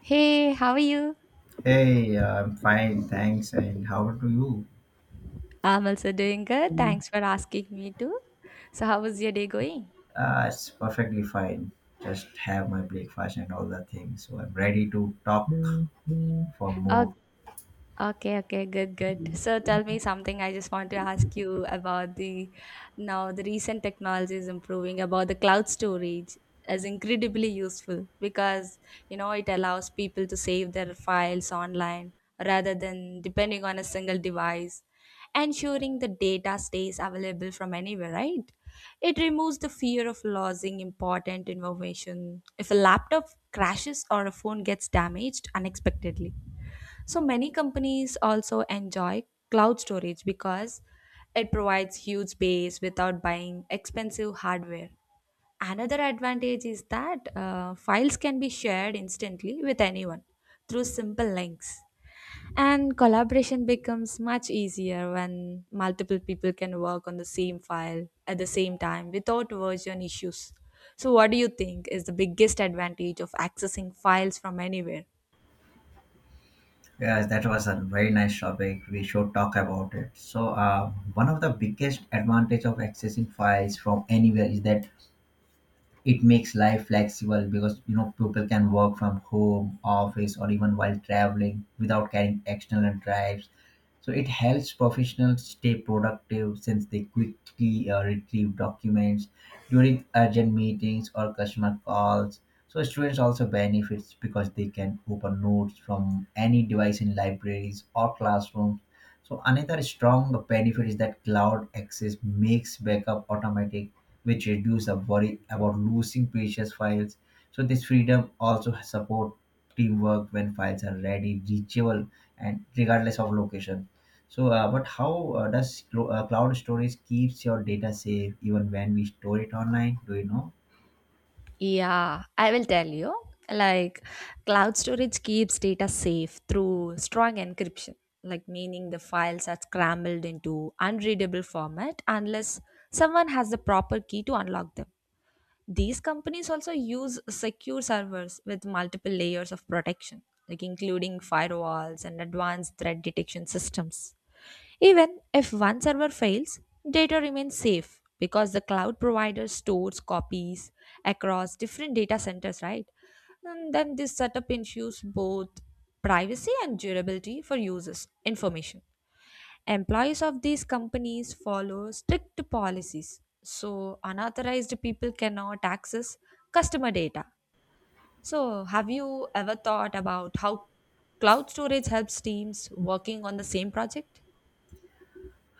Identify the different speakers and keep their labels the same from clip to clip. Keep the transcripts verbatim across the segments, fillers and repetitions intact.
Speaker 1: Hey, how are you?
Speaker 2: Hey, I'm fine, thanks. And how are you?
Speaker 1: I'm also doing good. Thanks for asking me too. So, how was your day going?
Speaker 2: Uh, it's perfectly fine. Just have my breakfast and all the things. So I'm ready to talk for more.
Speaker 1: Okay, okay, good, good. So tell me something. I just want to ask you about the now the recent technology is improving about the cloud storage is incredibly useful because you know it allows people to save their files online rather than depending on a single device, ensuring the data stays available from anywhere, right? It removes the fear of losing important information if a laptop crashes or a phone gets damaged unexpectedly so many companies also enjoy cloud storage because it provides huge space without buying expensive hardware. Another advantage is that uh, files can be shared instantly with anyone through simple links. And collaboration becomes much easier when multiple people can work on the same file at the same time without version issues. So, what do you think is the biggest advantage of accessing files from anywhere?
Speaker 2: Yes, that was a very nice topic. We should talk about it. So, uh, one of the biggest advantage of accessing files from anywhere is that it makes life flexible because you know people can work from home office or even while traveling without carrying external drives, so it helps professionals stay productive since they quickly uh, retrieve documents during urgent meetings or customer calls. So students also benefits because they can open notes from any device in libraries or classrooms. So another strong benefit is that cloud access makes backup automatic, which reduces the worry about losing precious files. So this freedom also support teamwork when files are ready, reachable, and regardless of location. So, uh, but how uh, does clo- uh, cloud storage keeps your data safe even when we store it online? Do you know?
Speaker 1: Yeah, I will tell you. Like, cloud storage keeps data safe through strong encryption, like, meaning the files are scrambled into unreadable format unless someone has the proper key to unlock them. These companies also use secure servers with multiple layers of protection, like including firewalls and advanced threat detection systems. Even if one server fails, data remains safe because the cloud provider stores copies across different data centers, right? And then this setup ensures both privacy and durability for users' information. Employees of these companies follow strict policies, so unauthorized people cannot access customer data. So, have you ever thought about how cloud storage helps teams working on the same project?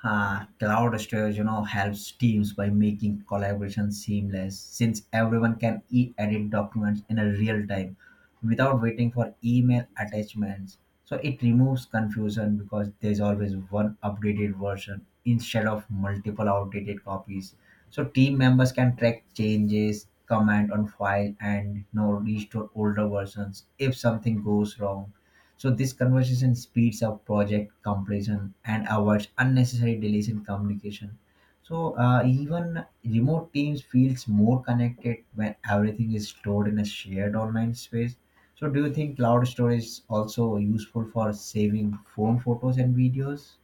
Speaker 2: Uh, cloud storage, you know, helps teams by making collaboration seamless since everyone can e-edit documents in a real time without waiting for email attachments. So it removes confusion because there's always one updated version instead of multiple outdated copies. So team members can track changes, comment on file, and you know, restore older versions if something goes wrong. So this conversation speeds up project completion and avoids unnecessary delays in communication. So uh, even remote teams feels more connected when everything is stored in a shared online space. So do you think cloud storage is also useful for saving phone photos and videos?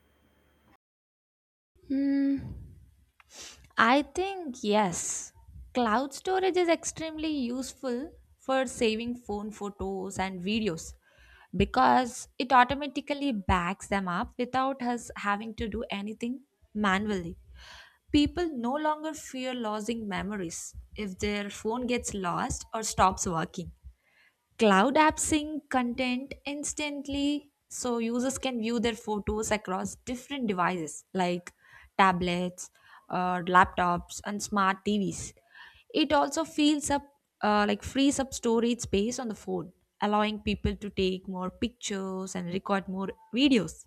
Speaker 1: Hmm, I think yes. Cloud storage is extremely useful for saving phone photos and videos because it automatically backs them up without us having to do anything manually. People no longer fear losing memories if their phone gets lost or stops working. Cloud apps sync content instantly, so users can view their photos across different devices like tablets, uh, laptops, and smart T Vs. It also fills up, uh, like frees up storage space on the phone, allowing people to take more pictures and record more videos.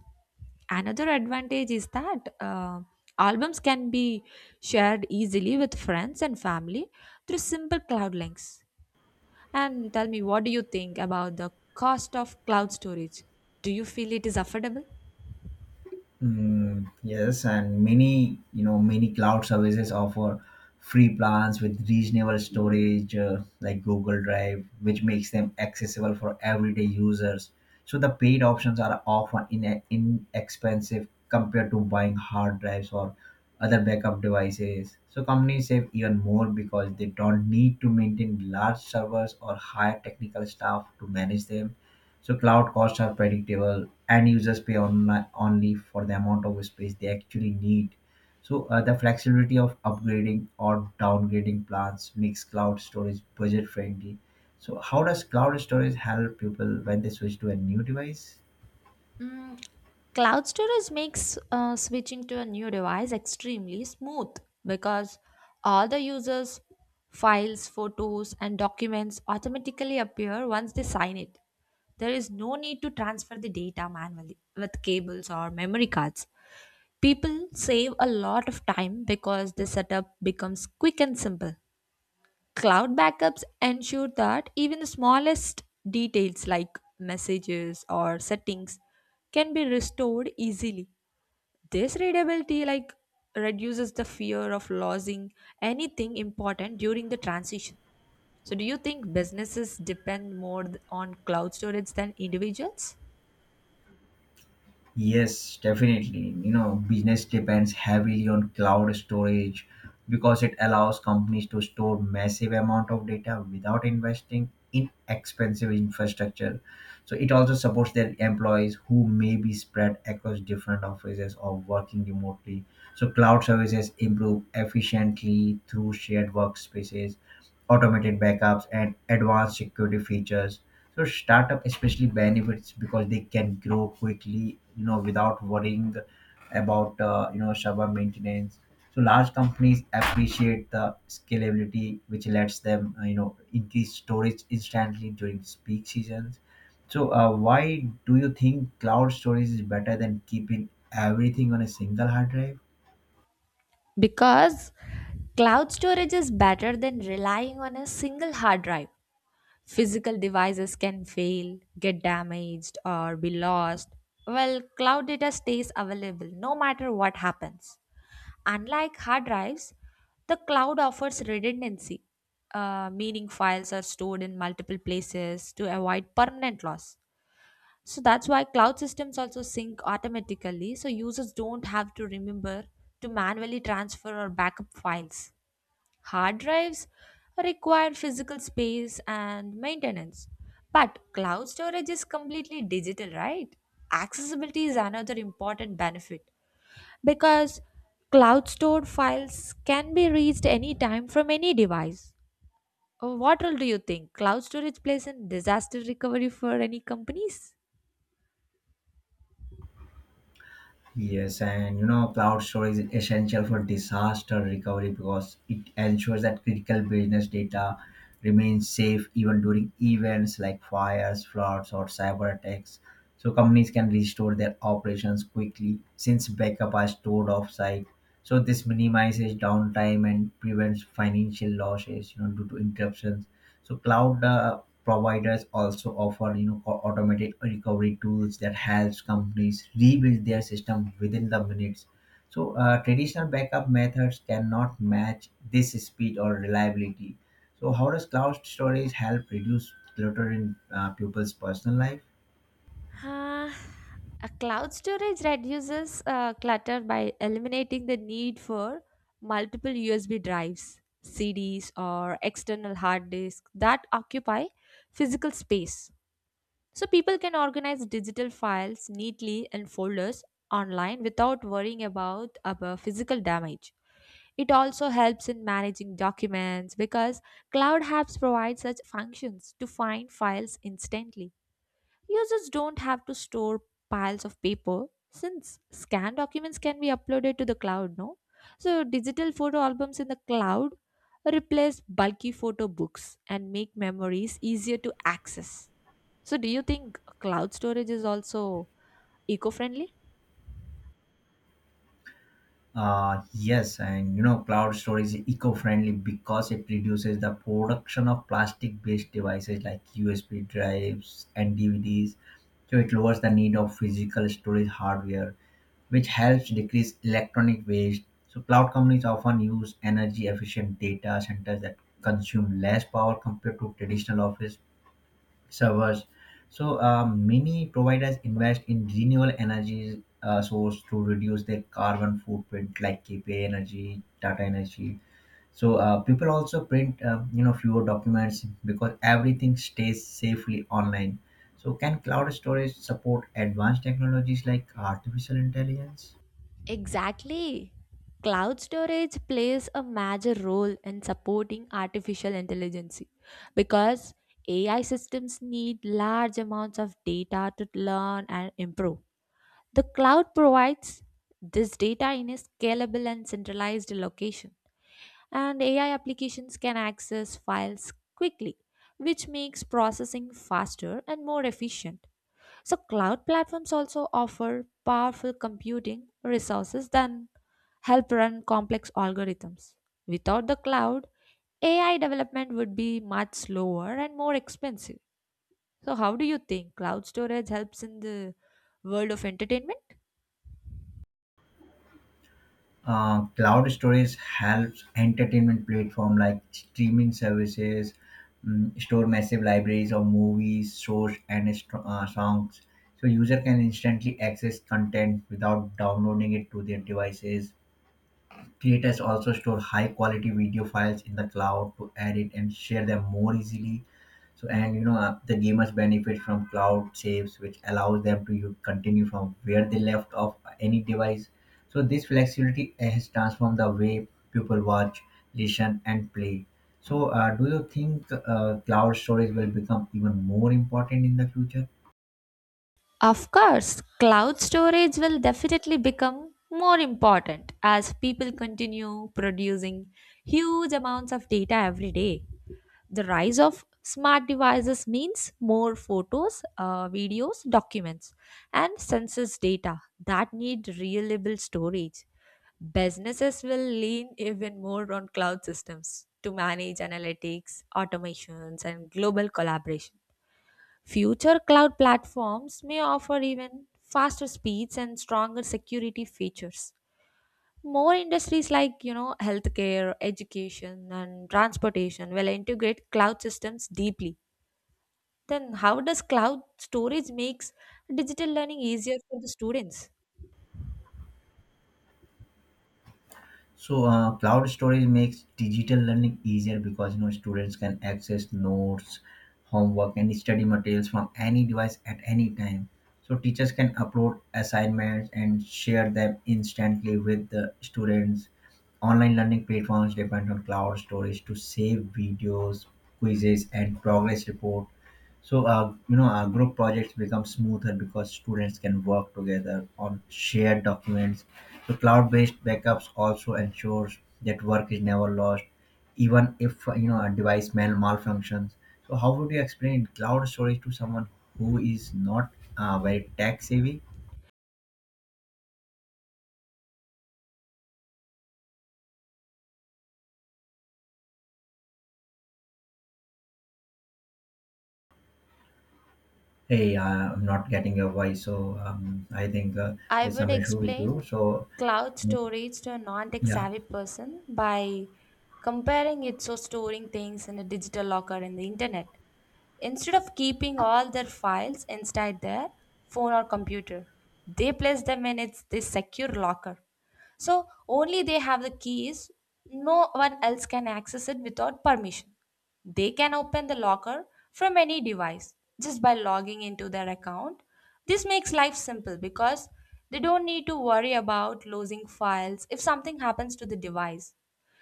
Speaker 1: Another advantage is that uh, albums can be shared easily with friends and family through simple cloud links. And tell me, what do you think about the cost of cloud storage? Do you feel it is affordable?
Speaker 2: Mm, yes, and many you know many cloud services offer free plans with reasonable storage, uh, like Google Drive, which makes them accessible for everyday users. So the paid options are often in inexpensive compared to buying hard drives or other backup devices. So companies save even more because they don't need to maintain large servers or hire technical staff to manage them. So cloud costs are predictable, and users pay on, only for the amount of space they actually need. So uh, the flexibility of upgrading or downgrading plans makes cloud storage budget friendly. So how does cloud storage help people when they switch to a new device?
Speaker 1: Mm, cloud storage makes uh, switching to a new device extremely smooth because all the users' files, photos, and documents automatically appear once they sign it. There is no need to transfer the data manually with cables or memory cards. People save a lot of time because the setup becomes quick and simple. Cloud backups ensure that even the smallest details like messages or settings can be restored easily. This readability like reduces the fear of losing anything important during the transition. So do you think businesses depend more th- on cloud storage than individuals?
Speaker 2: Yes, definitely. You know, business depends heavily on cloud storage because it allows companies to store massive amount of data without investing in expensive infrastructure. So it also supports their employees who may be spread across different offices or working remotely. So cloud services improve efficiently through shared workspaces, automated backups, and advanced security features. So startup especially benefits because they can grow quickly, you know, without worrying about uh, you know server maintenance. So large companies appreciate the scalability, which lets them uh, you know increase storage instantly during peak seasons. So uh, why do you think cloud storage is better than keeping everything on a single hard drive?
Speaker 1: Because cloud storage is better than relying on a single hard drive. Physical devices can fail, get damaged, or be lost. Well, cloud data stays available no matter what happens. Unlike hard drives, the cloud offers redundancy, uh, meaning files are stored in multiple places to avoid permanent loss. So that's why cloud systems also sync automatically, so users don't have to remember to manually transfer or backup files. Hard drives require physical space and maintenance, but cloud storage is completely digital, right? Accessibility is another important benefit because cloud stored files can be reached anytime from any device. Uh, What role do you think cloud storage plays in disaster recovery for any companies?
Speaker 2: Yes, and you know, cloud storage is essential for disaster recovery because it ensures that critical business data remains safe even during events like fires, floods, or cyber attacks. So companies can restore their operations quickly since backup are stored offsite. So this minimizes downtime and prevents financial losses, you know, due to interruptions. So cloud uh, providers also offer you know au- automated recovery tools that helps companies rebuild their system within the minutes. So uh, traditional backup methods cannot match this speed or reliability. So how does cloud storage help reduce clutter in uh, people's personal life?
Speaker 1: Uh, a cloud storage reduces uh, clutter by eliminating the need for multiple U S B drives, C Ds, or external hard disks that occupy physical space. So people can organize digital files neatly in folders online without worrying about about physical damage. It also helps in managing documents because Cloud Apps provide such functions to find files instantly. Users don't have to store piles of paper since scanned documents can be uploaded to the cloud, no? So, digital photo albums in the cloud replace bulky photo books and make memories easier to access. So, do you think cloud storage is also eco friendly?
Speaker 2: Uh, yes, and you know, cloud storage is eco-friendly because it reduces the production of plastic-based devices like U S B drives and D V Ds. So it lowers the need of physical storage hardware, which helps decrease electronic waste. So cloud companies often use energy-efficient data centers that consume less power compared to traditional office servers. So uh, many providers invest in renewable energy uh, source to reduce their carbon footprint, like K P A Energy, Tata Energy. So uh, people also print uh, you know fewer documents because everything stays safely online. So can cloud storage support advanced technologies like artificial intelligence?
Speaker 1: Exactly. Cloud storage plays a major role in supporting artificial intelligence because A I systems need large amounts of data to learn and improve. The cloud provides this data in a scalable and centralized location, and A I applications can access files quickly, which makes processing faster and more efficient. So, cloud platforms also offer powerful computing resources that help run complex algorithms. Without the cloud, A I development would be much slower and more expensive. So, how do you think cloud storage helps in the world of entertainment?
Speaker 2: Uh, cloud storage helps entertainment platform like streaming services mm, store massive libraries of movies, shows, and st- uh, songs. So user can instantly access content without downloading it to their devices. Creators also store high quality video files in the cloud to edit and share them more easily. So, and you know, uh, the gamers benefit from cloud saves, which allows them to u- continue from where they left off uh, any device. So, this flexibility has transformed the way people watch, listen, and play. So, uh, do you think uh, cloud storage will become even more important in the future?
Speaker 1: Of course, cloud storage will definitely become more important as people continue producing huge amounts of data every day. The rise of smart devices means more photos, uh, videos, documents, and census data that need reliable storage. Businesses will lean even more on cloud systems to manage analytics, automations, and global collaboration. Future cloud platforms may offer even faster speeds and stronger security features. More industries like, you know, healthcare, education and transportation will integrate cloud systems deeply. Then how does cloud storage makes digital learning easier for the students?
Speaker 2: So uh, cloud storage makes digital learning easier because you know students can access notes, homework, and study materials from any device at any time. So teachers can upload assignments and share them instantly with the students. Online learning platforms depend on cloud storage to save videos, quizzes, and progress report. So uh, you know, our group projects become smoother because students can work together on shared documents. So cloud-based backups also ensures that work is never lost, even if uh, you know a device mal- malfunctions. So how would you explain cloud storage to someone who is not uh, very tech savvy? Hey, uh, I'm not getting your voice, so um, I think uh,
Speaker 1: I
Speaker 2: there's
Speaker 1: would
Speaker 2: some issue with
Speaker 1: explain
Speaker 2: you. So
Speaker 1: cloud storage to a non-tech
Speaker 2: yeah.
Speaker 1: savvy person by comparing it to storing things in a digital locker in the internet instead of keeping all their files inside their phone or computer. They place them in its this secure locker, so only they have the keys. No one else can access it without permission. They can open the locker from any device just by logging into their account. This makes life simple because they don't need to worry about losing files if something happens to the device.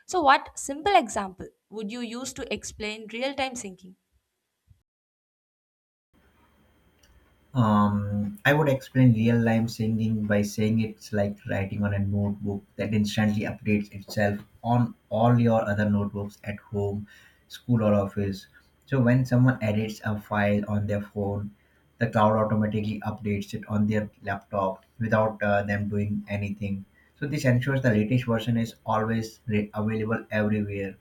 Speaker 1: So, what simple example would you use to explain real time syncing?
Speaker 2: Um, I would explain real time singing by saying it's like writing on a notebook that instantly updates itself on all your other notebooks at home, school, or office. So when someone edits a file on their phone, the cloud automatically updates it on their laptop without uh, them doing anything. So this ensures the latest version is always re- available everywhere.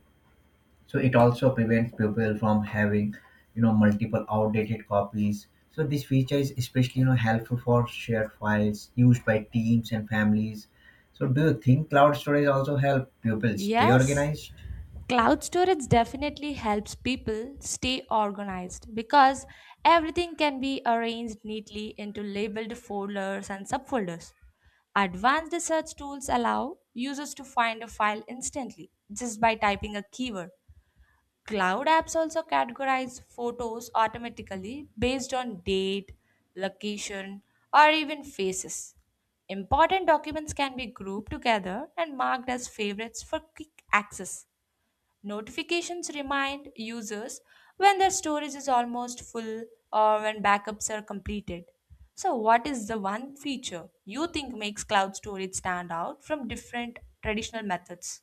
Speaker 2: So it also prevents people from having you know multiple outdated copies. So this feature is especially you know helpful for shared files used by teams and families. So do you think cloud storage also help people stay
Speaker 1: Yes.
Speaker 2: organized?
Speaker 1: Cloud storage definitely helps people stay organized because everything can be arranged neatly into labeled folders and subfolders. Advanced search tools allow users to find a file instantly just by typing a keyword. Cloud apps also categorize photos automatically based on date, location, or even faces. Important documents can be grouped together and marked as favorites for quick access. Notifications remind users when their storage is almost full or when backups are completed. So, what is the one feature you think makes cloud storage stand out from different traditional methods?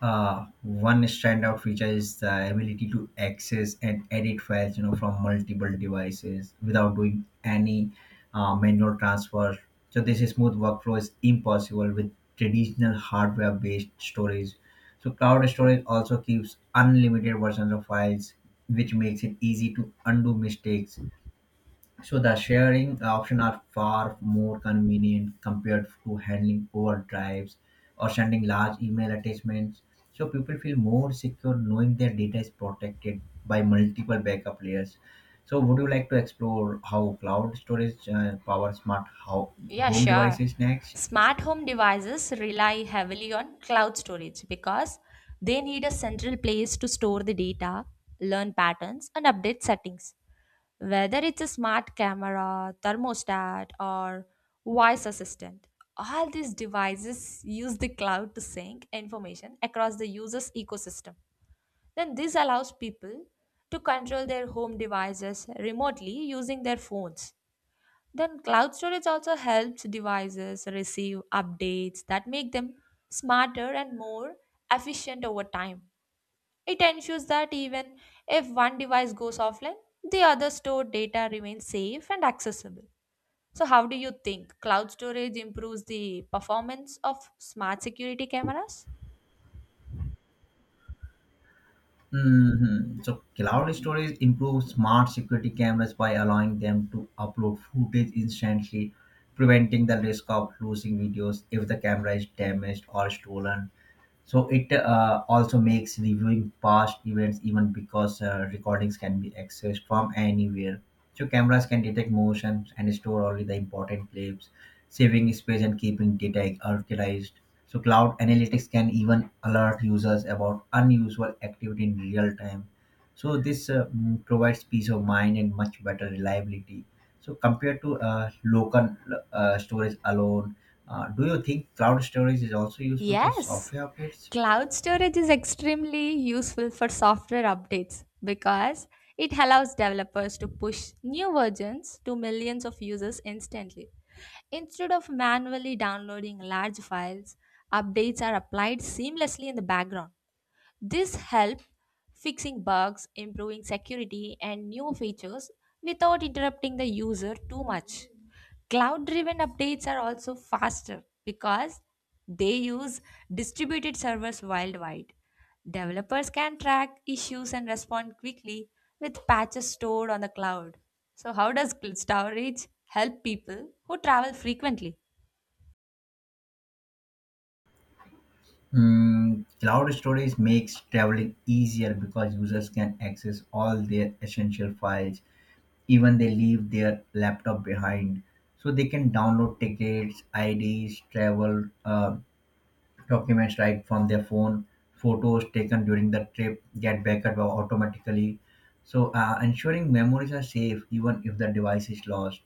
Speaker 2: Uh, one standout feature is the ability to access and edit files, you know, from multiple devices without doing any uh, manual transfer. So this is smooth workflow is impossible with traditional hardware-based storage. So cloud storage also keeps unlimited versions of files, which makes it easy to undo mistakes. So the sharing uh, option are far more convenient compared to handling Word drives or sending large email attachments. So people feel more secure knowing their data is protected by multiple backup layers. So would you like to explore how cloud storage uh, powers smart how
Speaker 1: Yeah,
Speaker 2: home
Speaker 1: sure.
Speaker 2: devices next?
Speaker 1: Smart home devices rely heavily on cloud storage because they need a central place to store the data, learn patterns, and update settings. Whether it's a smart camera, thermostat, or voice assistant, all these devices use the cloud to sync information across the user's ecosystem. Then this allows people to control their home devices remotely using their phones. Then cloud storage also helps devices receive updates that make them smarter and more efficient over time. It ensures that even if one device goes offline, the other stored data remains safe and accessible. So, how do you think cloud storage improves the performance of smart security cameras?
Speaker 2: Hmm. So cloud storage improves smart security cameras by allowing them to upload footage instantly, preventing the risk of losing videos if the camera is damaged or stolen. So it uh, also makes reviewing past events even because uh, recordings can be accessed from anywhere. So cameras can detect motions and store only the important clips, saving space and keeping data archived. So cloud analytics can even alert users about unusual activity in real time. So this uh, mm, provides peace of mind and much better reliability. So compared to uh, local uh, storage alone, uh, do you think cloud storage is also useful for
Speaker 1: Yes,
Speaker 2: software updates?
Speaker 1: cloud storage is extremely useful for software updates because it allows developers to push new versions to millions of users instantly. Instead of manually downloading large files, updates are applied seamlessly in the background. This helps fixing bugs, improving security, and new features without interrupting the user too much. Cloud driven updates are also faster because they use distributed servers worldwide. Developers can track issues and respond quickly with patches stored on the cloud. So, how does cl- storage help people who travel frequently?
Speaker 2: Mm, cloud storage makes traveling easier because users can access all their essential files, even they leave their laptop behind. So they can download tickets, I Ds, travel, uh, Documents like from their phone. Photos taken during the trip get backup automatically. So, uh, ensuring memories are safe even if the device is lost.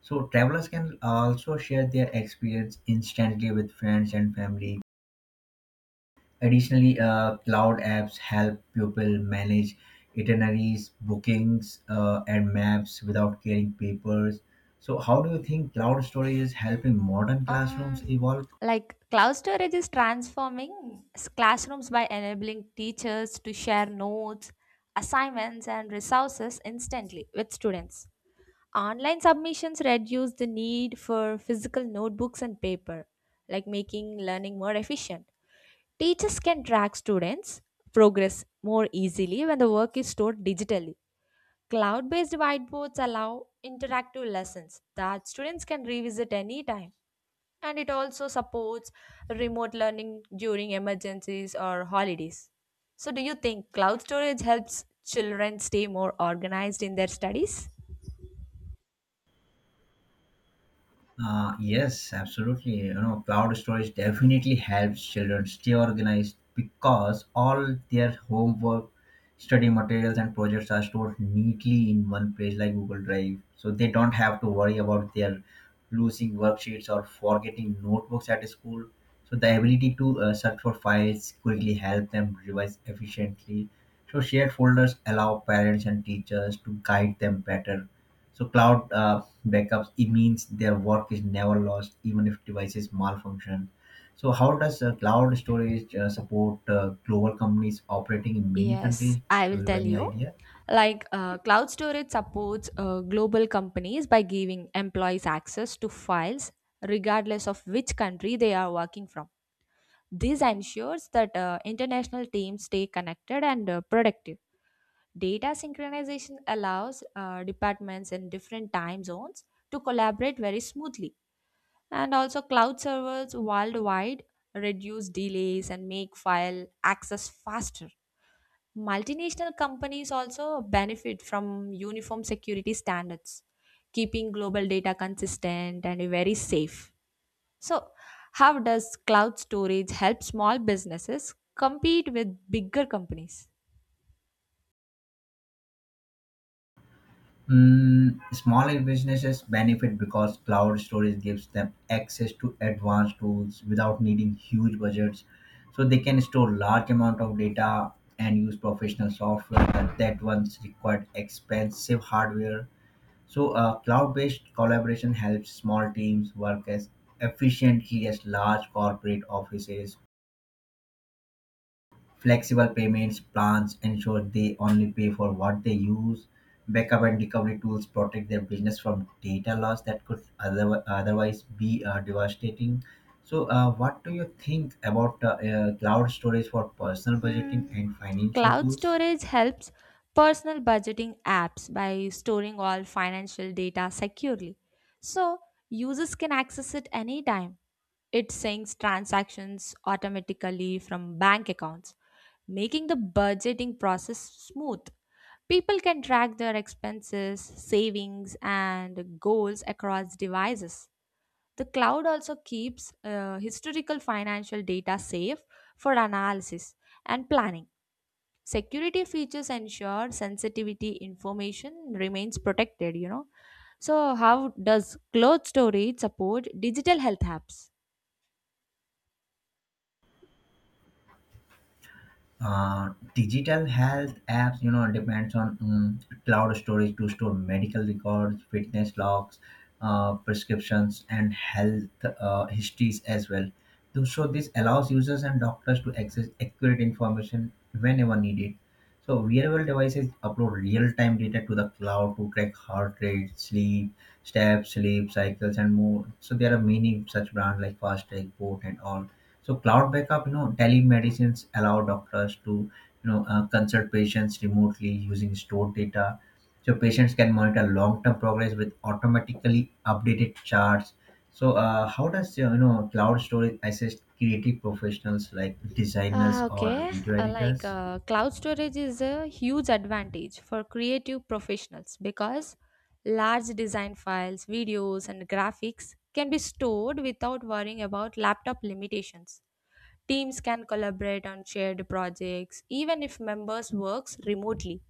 Speaker 2: So, travelers can also share their experience instantly with friends and family. Additionally, uh, cloud apps help people manage itineraries, bookings, uh, and maps without carrying papers. So, how do you think cloud storage is helping modern classrooms
Speaker 1: Um,
Speaker 2: evolve?
Speaker 1: like cloud storage is transforming s- classrooms by enabling teachers to share notes, assignments, and resources instantly with students. Online submissions reduce the need for physical notebooks and paper, like making learning more efficient. Teachers can track students' progress more easily when the work is stored digitally. Cloud based whiteboards allow interactive lessons that students can revisit anytime, and it also supports remote learning during emergencies or holidays. So, do you think cloud storage helps children stay more organized in their studies?
Speaker 2: Uh, yes, absolutely. You know, cloud storage definitely helps children stay organized because all their homework, study materials, and projects are stored neatly in one place like Google Drive. So they don't have to worry about their losing worksheets or forgetting notebooks at school. So the ability to uh, search for files quickly help them revise efficiently. So shared folders allow parents and teachers to guide them better. So cloud uh, backups, it means their work is never lost, even if devices malfunction. So how does uh, cloud storage uh, support uh, global companies operating in many
Speaker 1: Yes,
Speaker 2: countries?
Speaker 1: I
Speaker 2: Do
Speaker 1: will
Speaker 2: you have
Speaker 1: tell
Speaker 2: any
Speaker 1: you.
Speaker 2: idea?
Speaker 1: Like uh, cloud storage supports uh, global companies by giving employees access to files regardless of which country they are working from. This ensures that uh, international teams stay connected and uh, productive. Data synchronization allows uh, departments in different time zones to collaborate very smoothly. And also, cloud servers worldwide reduce delays and make file access faster. Multinational companies also benefit from uniform security standards, keeping global data consistent and very safe. So, how does cloud storage help small businesses compete with bigger companies?
Speaker 2: Mm, small businesses benefit because cloud storage gives them access to advanced tools without needing huge budgets. So they can store large amount of data and use professional software that, that once required expensive hardware. So, uh, cloud-based collaboration helps small teams work as efficiently as large corporate offices. Flexible payments plans ensure they only pay for what they use. Backup and recovery tools protect their business from data loss that could other, otherwise be uh, devastating. So, uh, what do you think about uh, uh, cloud storage for personal
Speaker 1: Hmm.
Speaker 2: budgeting and financial
Speaker 1: Cloud
Speaker 2: tools?
Speaker 1: storage helps personal budgeting apps by storing all financial data securely, so users can access it anytime. It syncs transactions automatically from bank accounts, making the budgeting process smooth. People can track their expenses, savings, and goals across devices. The cloud also keeps uh, historical financial data safe for analysis and planning. Security features ensure sensitivity information remains protected, you know. So, how does cloud storage support digital health apps?
Speaker 2: uh, Digital health apps you know depends on um, cloud storage to store medical records, fitness logs, uh, prescriptions, and health uh, histories as well. Th- so this allows users and doctors to access accurate information whenever needed. So wearable devices upload real-time data to the cloud to track heart rate, sleep, steps, sleep cycles, and more. So there are many such brands like fast Track, boat and all. So cloud backup, you know, telemedicines allow doctors to, you know, uh, consult patients remotely using stored data. So patients can monitor long-term progress with automatically updated charts. So uh, how does uh, you know cloud storage assist creative professionals like
Speaker 1: Ah,
Speaker 2: designers
Speaker 1: okay.
Speaker 2: or video
Speaker 1: Uh, like
Speaker 2: editors?
Speaker 1: uh, cloud storage is a huge advantage for creative professionals because large design files, videos, and graphics can be stored without worrying about laptop limitations. Teams can collaborate on shared projects even if members works remotely.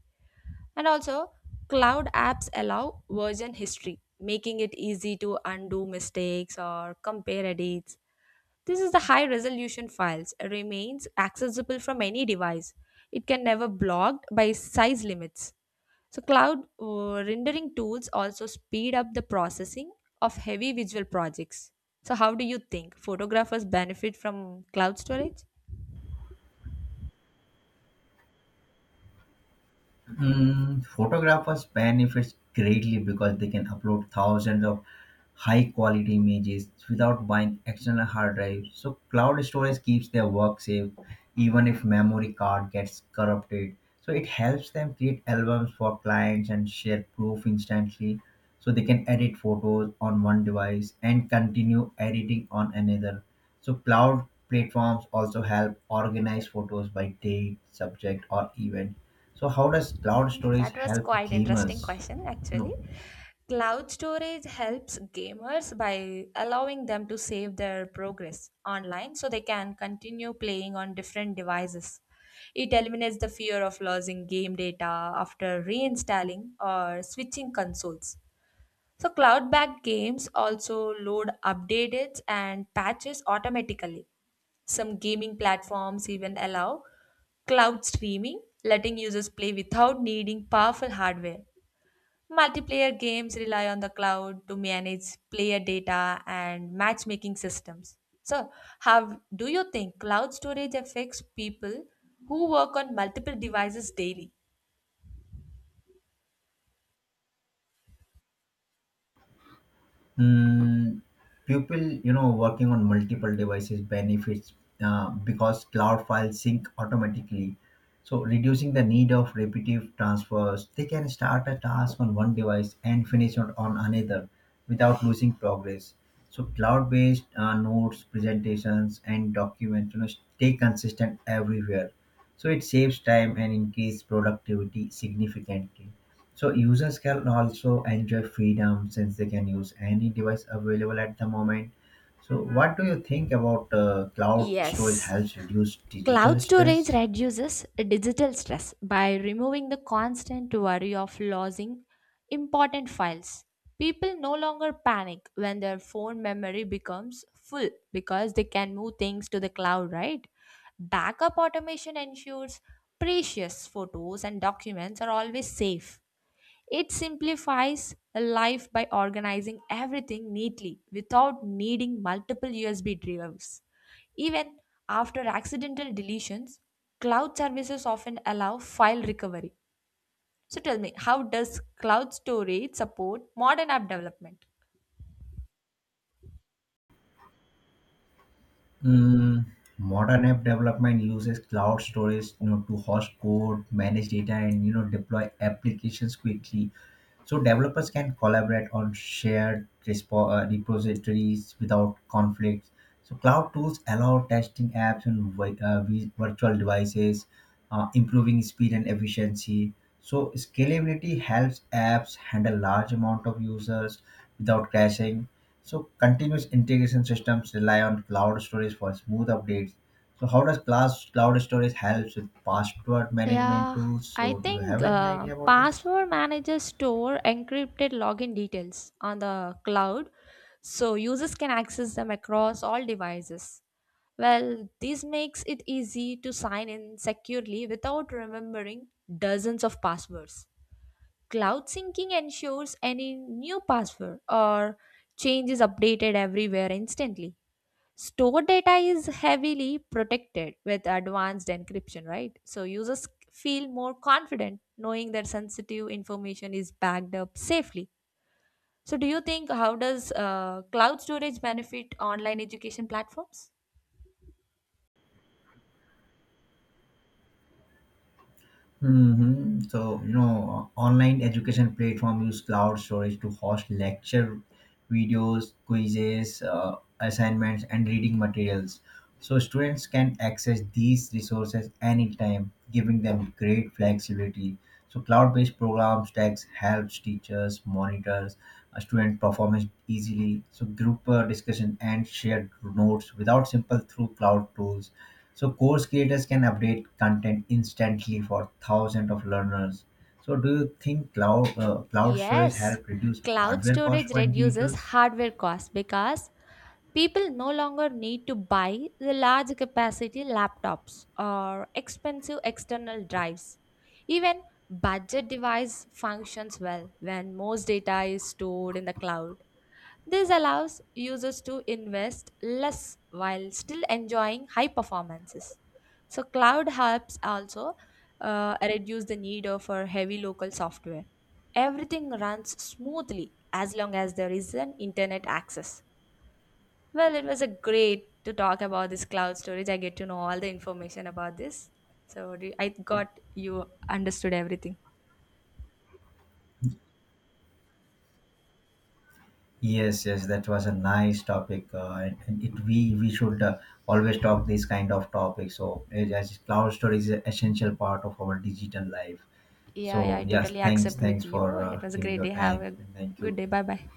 Speaker 1: And also cloud apps allow version history, making it easy to undo mistakes or compare edits. This is the high resolution files remains accessible from any device. It can never blocked by size limits. So cloud uh, rendering tools also speed up the processing of heavy visual projects. So how do you think photographers benefit from cloud storage?
Speaker 2: Mm, photographers benefits greatly because they can upload thousands of high quality images without buying external hard drives. So cloud storage keeps their work safe even if memory card gets corrupted. So it helps them create albums for clients and share proof instantly, so they can edit photos on one device and continue editing on another. So cloud platforms also help organize photos by date, subject, or event. So how does cloud
Speaker 1: Hmm,
Speaker 2: storage
Speaker 1: that was
Speaker 2: help
Speaker 1: quite interesting
Speaker 2: gamers?
Speaker 1: question
Speaker 2: You
Speaker 1: actually.
Speaker 2: know,
Speaker 1: Cloud storage helps gamers by allowing them to save their progress online so they can continue playing on different devices. It eliminates the fear of losing game data after reinstalling or switching consoles. So cloud-backed games also load updates and patches automatically. Some gaming platforms even allow cloud streaming, letting users play without needing powerful hardware. Multiplayer games rely on the cloud to manage player data and matchmaking systems. So, how do you think cloud storage affects people who work on multiple devices daily?
Speaker 2: mm, people you know working on multiple devices benefits uh, because cloud files sync automatically. So reducing the need of repetitive transfers, they can start a task on one device and finish it on another without losing progress. So cloud-based uh, notes, presentations, and documents, you know, stay consistent everywhere. So it saves time and increase productivity significantly. So users can also enjoy freedom since they can use any device available at the moment. So what do you think about uh, cloud storage
Speaker 1: Yes,
Speaker 2: helps reduce digital
Speaker 1: cloud storage
Speaker 2: stress?
Speaker 1: reduces digital stress by removing the constant worry of losing important files. People no longer panic when their phone memory becomes full because they can move things to the cloud, right? Backup automation ensures precious photos and documents are always safe. It simplifies life by organizing everything neatly without needing multiple U S B drives. Even after accidental deletions, cloud services often allow file recovery. So tell me, how does cloud storage support modern app development?
Speaker 2: Mm, modern app development uses cloud storage, you know, to host code, manage data, and you know deploy applications quickly. So developers can collaborate on shared respo- uh, repositories without conflicts. So cloud tools allow testing apps on vi- uh, vi- virtual devices, uh, improving speed and efficiency. So scalability helps apps handle large amount of users without crashing. So continuous integration systems rely on cloud storage for smooth updates. So how does class cloud storage helps with password management
Speaker 1: Yeah,
Speaker 2: tools?
Speaker 1: I
Speaker 2: So do you
Speaker 1: think
Speaker 2: have any
Speaker 1: uh,
Speaker 2: idea about this?
Speaker 1: password managers store encrypted login details on the cloud so users can access them across all devices. Well, this makes it easy to sign in securely without remembering dozens of passwords. Cloud syncing ensures any new password or change is updated everywhere instantly. Store data is heavily protected with advanced encryption, right? So users feel more confident knowing that sensitive information is backed up safely. So do you think, how does uh, cloud storage benefit online education platforms?
Speaker 2: Hmm. So, you know, uh, online education platform use cloud storage to host lecture videos, quizzes, uh, assignments, and reading materials. So, students can access these resources anytime, giving them great flexibility. So, cloud based program stacks helps teachers, monitors, uh, student performance easily. So, group uh, discussion and shared notes without simple through cloud tools, so course creators can update content instantly for thousands of learners. So do you think cloud uh, cloud storage
Speaker 1: Yes,
Speaker 2: help reduce
Speaker 1: cloud
Speaker 2: hardware cost
Speaker 1: storage
Speaker 2: for
Speaker 1: reduces
Speaker 2: individuals?
Speaker 1: hardware costs because people no longer need to buy the large capacity laptops or expensive external drives. Even budget device functions well when most data is stored in the cloud. This allows users to invest less while still enjoying high performances. So, cloud helps also uh, reduce the need of uh, heavy local software. Everything runs smoothly as long as there is an internet access. Well, it was a great to talk about this cloud storage. I get to know all the information about this. So, do- I got you understood everything.
Speaker 2: Yes, yes, that was a nice topic, uh, and, and it we we should uh, always talk these kind of topics. So as as cloud storage is an essential part of our digital life. So
Speaker 1: Yeah, yeah, I
Speaker 2: yes,
Speaker 1: totally
Speaker 2: thanks,
Speaker 1: accept
Speaker 2: thanks
Speaker 1: with you.
Speaker 2: for
Speaker 1: It
Speaker 2: uh,
Speaker 1: was a
Speaker 2: giving
Speaker 1: great
Speaker 2: your
Speaker 1: day. Have
Speaker 2: time,
Speaker 1: a
Speaker 2: and thank
Speaker 1: good
Speaker 2: you.
Speaker 1: day. Bye bye.